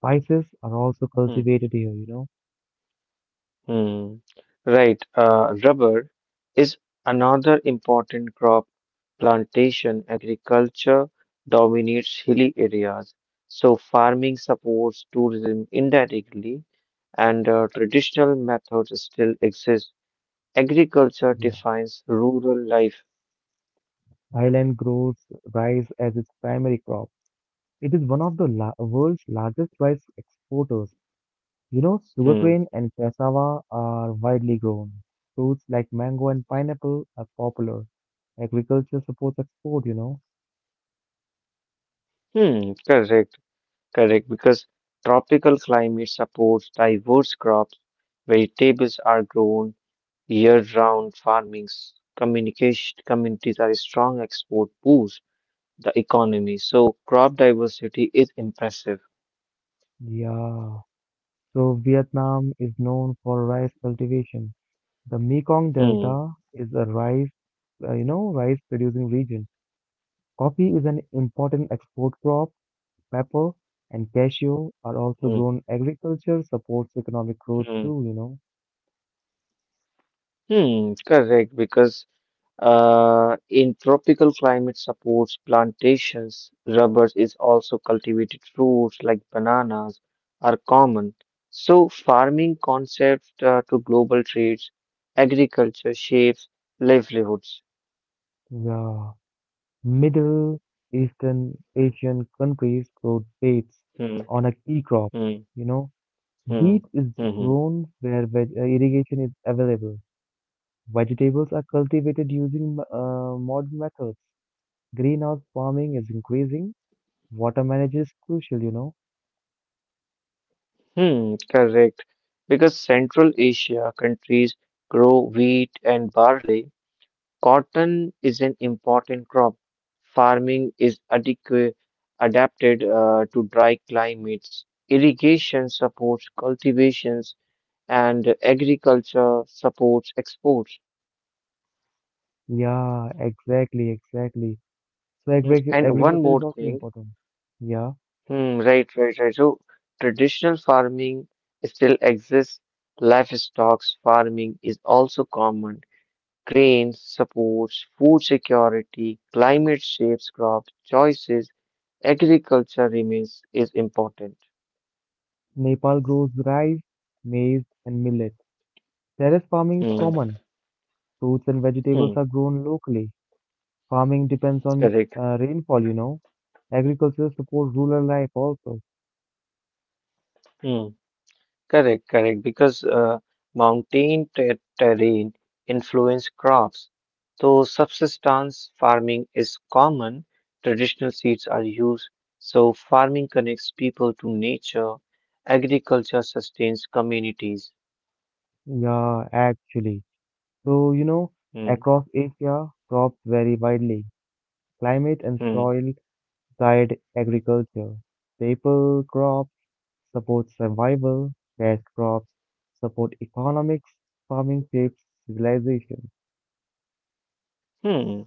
S1: Spices are also
S2: hmm,
S1: cultivated here.
S2: hmm. Right. Rubber is another important crop. Plantation agriculture dominates hilly areas, so farming supports tourism indirectly, and traditional methods still exist. Agriculture
S1: Yeah.
S2: defines rural life.
S1: Thailand grows rice as its primary crop. It is one of the world's largest rice exporters. You know,
S2: Hmm.
S1: sugarcane and cassava are widely grown. Fruits like mango and pineapple are popular. Agriculture supports export.
S2: Hmm. Correct. Correct. Because tropical climate supports diverse crops, vegetables are grown year-round farming. Communication communities are a strong export boost the economy. So crop diversity is impressive.
S1: Yeah. So Vietnam is known for rice cultivation. The Mekong
S2: Hmm.
S1: Delta is a rice, rice producing region. Coffee is an important export crop. Pepper and cashew are also
S2: Hmm.
S1: grown. Agriculture supports economic growth
S2: Hmm.
S1: too.
S2: Hmm, correct, because in tropical climate supports plantations, rubbers is also cultivated fruits like bananas are common. So farming concepts to global trades, agriculture shapes livelihoods.
S1: Yeah. Middle Eastern Asian countries grow dates
S2: Hmm,
S1: on a key crop.
S2: hmm,
S1: You know,
S2: hmm,
S1: wheat is
S2: hmm, hmm,
S1: grown where irrigation is available. Vegetables are cultivated using modern methods. Greenhouse farming is increasing. Water management is crucial.
S2: hmm, correct, because Central Asia countries grow wheat and barley. Cotton is an important crop. Farming is adapted to dry climates. Irrigation supports cultivations and agriculture supports exports.
S1: Yeah, exactly. So
S2: Mm, and one
S1: agriculture is
S2: more
S1: also
S2: thing,
S1: important. Yeah,
S2: hmm, right, right, right. So traditional farming still exists. Livestock farming is also common. Grain supports food security. Climate shapes crop choices agriculture remains is important.
S1: Nepal grows rice, maize, and millet. Terrace farming is
S2: Hmm.
S1: common. Fruits and vegetables
S2: Hmm.
S1: are grown locally. Farming depends on
S2: Correct.
S1: rainfall. Agriculture supports rural life also.
S2: Hmm. Correct. Correct. Because mountain terrain influence crops. So subsistence farming is common. Traditional seeds are used. So farming connects people to nature. Agriculture sustains communities.
S1: Yeah, actually. So,
S2: Hmm.
S1: across Asia, crops vary widely. Climate and
S2: Hmm.
S1: soil guide agriculture. Staple crops support survival. Cash crops support economics. Farming shapes civilization.
S2: Hmm.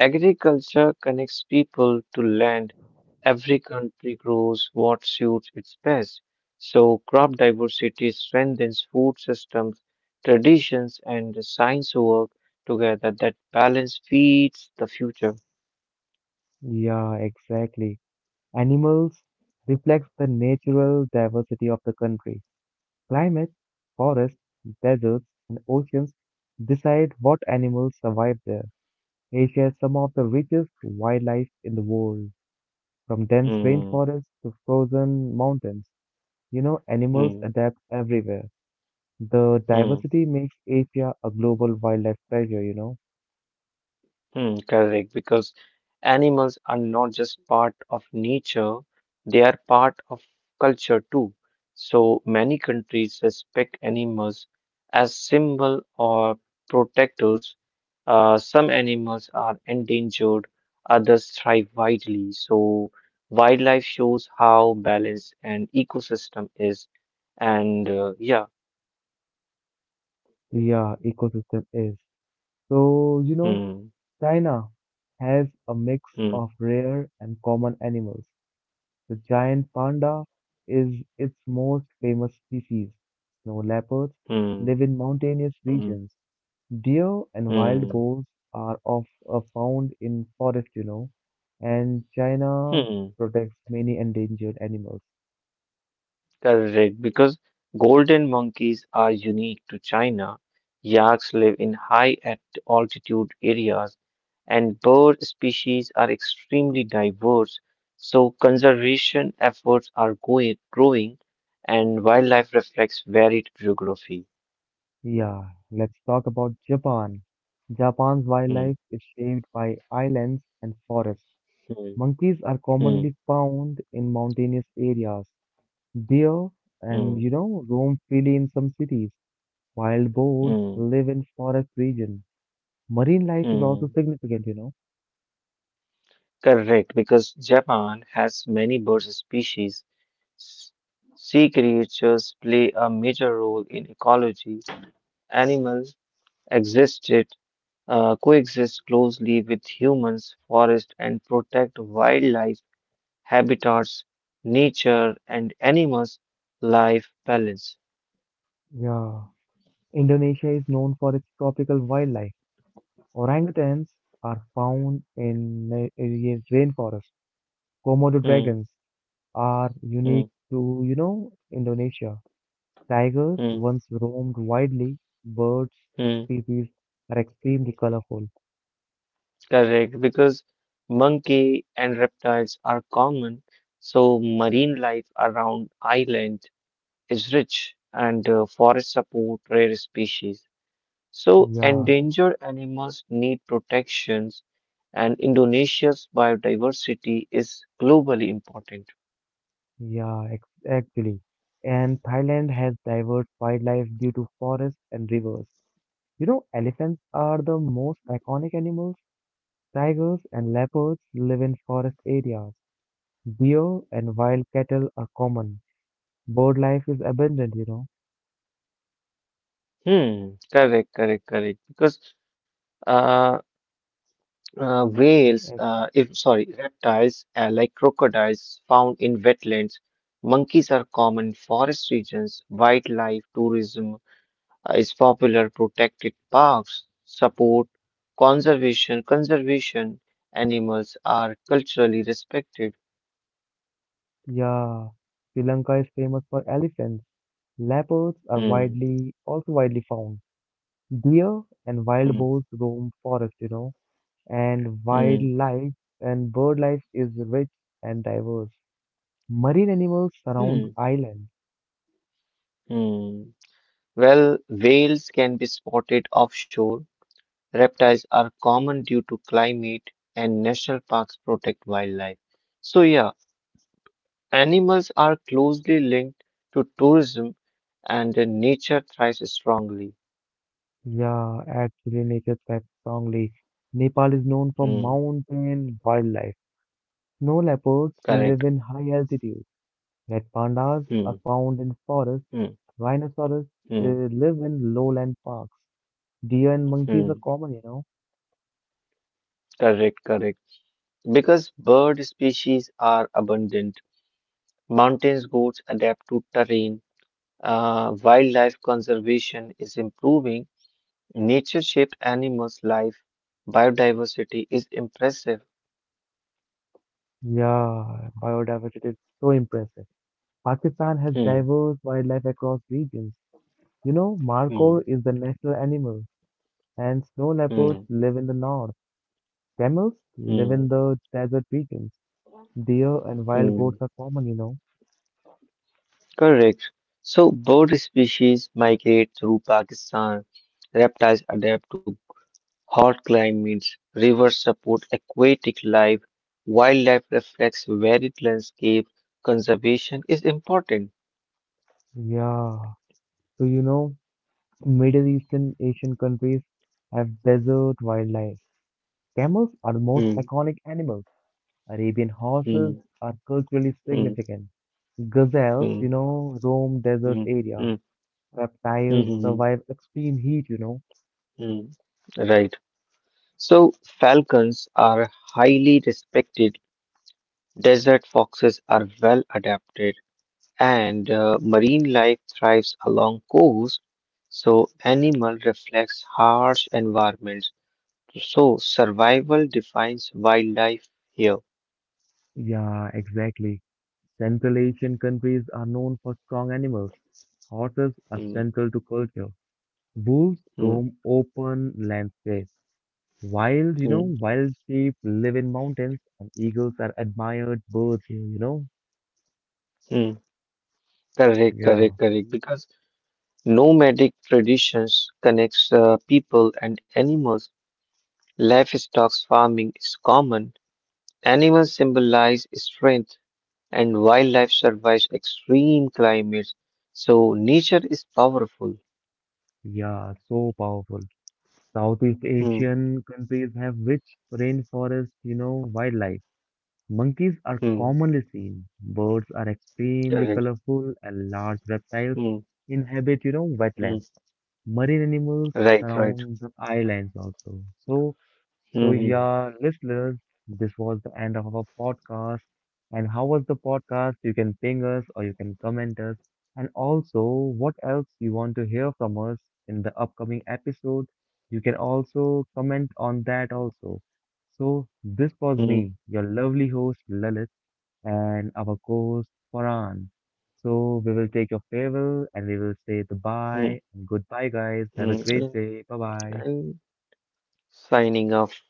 S2: Agriculture connects people to land. Every country grows what suits its best. So crop diversity strengthens food systems, traditions, and the science work together that balance feeds the future.
S1: Yeah, exactly. Animals reflects the natural diversity of the country. Climate, forests, deserts, and oceans decide what animals survive there. Asia has some of the richest wildlife in the world, from dense
S2: Hmm.
S1: rainforests to frozen mountains. You know, animals
S2: Hmm.
S1: adapt everywhere. The
S2: Hmm.
S1: diversity makes Asia a global wildlife treasure.
S2: Hmm, correct, because animals are not just part of nature, they are part of culture too. So many countries respect animals as symbol or protectors. Some animals are endangered, others thrive widely. So wildlife shows how balanced an ecosystem is. And yeah,
S1: Yeah, ecosystem is. So,
S2: hmm,
S1: China has a mix
S2: hmm,
S1: of rare and common animals. The giant panda is its most famous species. Snow leopards
S2: hmm,
S1: live in mountainous
S2: hmm,
S1: regions. Deer and wild
S2: hmm,
S1: boars are found in forest, you know, and China
S2: hmm.
S1: protects many endangered animals.
S2: Correct, because golden monkeys are unique to China. Yaks live in high at altitude areas, and bird species are extremely diverse. So conservation efforts are growing, and wildlife reflects varied geography.
S1: Yeah, let's talk about Japan. Japan's
S2: Hmm,
S1: wildlife is shaped by islands and forests.
S2: hmm,
S1: Monkeys are
S2: hmm,
S1: commonly found in mountainous areas. Deer and
S2: hmm,
S1: you know roam freely in some cities. Wild boars
S2: hmm,
S1: live in forest regions. Marine life is also
S2: hmm.
S1: significant.
S2: Correct, because Japan has many bird species. Sea creatures play a major role in ecology. Animals existed, coexist closely with humans, forest, and protect wildlife habitats, nature, and animals' life balance.
S1: Yeah, Indonesia is known for its tropical wildlife. Orangutans are found in areas rainforest. Komodo
S2: Hmm,
S1: dragons are unique
S2: hmm,
S1: to, Indonesia. Tigers
S2: hmm,
S1: once roamed widely. Birds
S2: hmm.
S1: species are extremely colorful.
S2: Correct, because monkey and reptiles are common, so marine life around island is rich, and forests support rare species. So,
S1: Yeah,
S2: endangered animals need protections, and Indonesia's biodiversity is globally important.
S1: Yeah, actually. And Thailand has diverse wildlife due to forests and rivers. You know, elephants are the most iconic animals. Tigers and leopards live in forest areas. Deer and wild cattle are common. Bird life is abundant.
S2: Hmm, correct, correct, correct. Because uh, whales,
S1: Eh,
S2: if sorry, reptiles like crocodiles found in wetlands, monkeys are common in forest regions, wildlife tourism is popular, protected parks support conservation animals are culturally respected.
S1: yeah, Sri Lanka is famous for elephants. Leopards are
S2: Hmm.
S1: also widely found. Deer and wild
S2: Mm,
S1: boars roam forest. And
S2: mm,
S1: wildlife and bird life is rich and diverse. Marine animals surround
S2: mm.
S1: islands.
S2: mm. Well, whales can be spotted offshore. Reptiles are common due to climate, and national parks protect wildlife. So, yeah, animals are closely linked to tourism, and nature thrives strongly.
S1: Yeah, actually, nature thrives strongly. Nepal is known for
S2: Mm,
S1: mountain wildlife. Snow leopards
S2: correct.
S1: live in high altitude. Red pandas
S2: Mm,
S1: are found in forests.
S2: mm,
S1: Rhinoceros
S2: mm,
S1: live in lowland parks. Deer and monkeys are
S2: mm.
S1: common.
S2: Correct, correct. Because bird species are abundant, mountains goats adapt to terrain wildlife conservation is improving, nature shaped animals' life, biodiversity is impressive.
S1: Yeah, biodiversity is so impressive. Pakistan has
S2: Hmm,
S1: diverse wildlife across regions. You know,
S2: hmm,
S1: markhor is the national animal, and snow leopards
S2: hmm,
S1: live in the north. Camels live in
S2: hmm,
S1: the desert regions. Deer and wild
S2: hmm.
S1: goats are common.
S2: Correct. So, bird species migrate through Pakistan, reptiles adapt to hot climates, rivers support aquatic life, wildlife reflects varied landscape, conservation is important.
S1: Yeah. So, Middle Eastern Asian countries have desert wildlife. Camels are the most
S2: Hmm,
S1: iconic animals. Arabian horses
S2: hmm,
S1: are culturally
S2: hmm,
S1: significant. Gazelles,
S2: hmm,
S1: roam desert
S2: hmm, hmm,
S1: areas.
S2: hmm, hmm,
S1: Reptiles
S2: hmm, hmm.
S1: survive extreme heat.
S2: Mm, right. So falcons are highly respected, desert foxes are well adapted, and marine life thrives along coast. So animal reflects harsh environments. So survival defines wildlife here.
S1: Yeah, exactly. Central Asian countries are known for strong animals. Horses are
S2: Mm,
S1: central to culture. Wolves
S2: mm,
S1: roam open landscapes. Wild, you know,
S2: mm,
S1: wild sheep live in mountains and eagles are admired birds here.
S2: mm. Correct,
S1: Yeah,
S2: correct, correct. Because nomadic traditions connects people and animals. Livestock farming is common. Animals symbolize strength, and wildlife survives extreme climates. So nature is powerful.
S1: yeah, so powerful. Southeast
S2: Hmm.
S1: Asian countries have rich rainforest, wildlife. Monkeys are
S2: Hmm.
S1: commonly seen. Birds are extremely
S2: Correct.
S1: colorful and large reptiles
S2: Hmm.
S1: inhabit,
S2: Hmm.
S1: wetlands. Marine animals
S2: Right. Right.
S1: surround the islands also. So,
S2: Hmm.
S1: yeah, listeners, this was the end of our podcast. And how was the podcast? You can ping us or you can comment us. And also, what else you want to hear from us in the upcoming episode? You can also comment on that also. So, this was
S2: Hmm.
S1: me, your lovely host Lalit, and our co-host Farhan. So, we will take your farewell and we will say
S2: Hmm. Hmm.
S1: goodbye and goodbye, guys. Have a
S2: Hmm.
S1: great
S2: And
S1: day. Bye bye.
S2: signing off.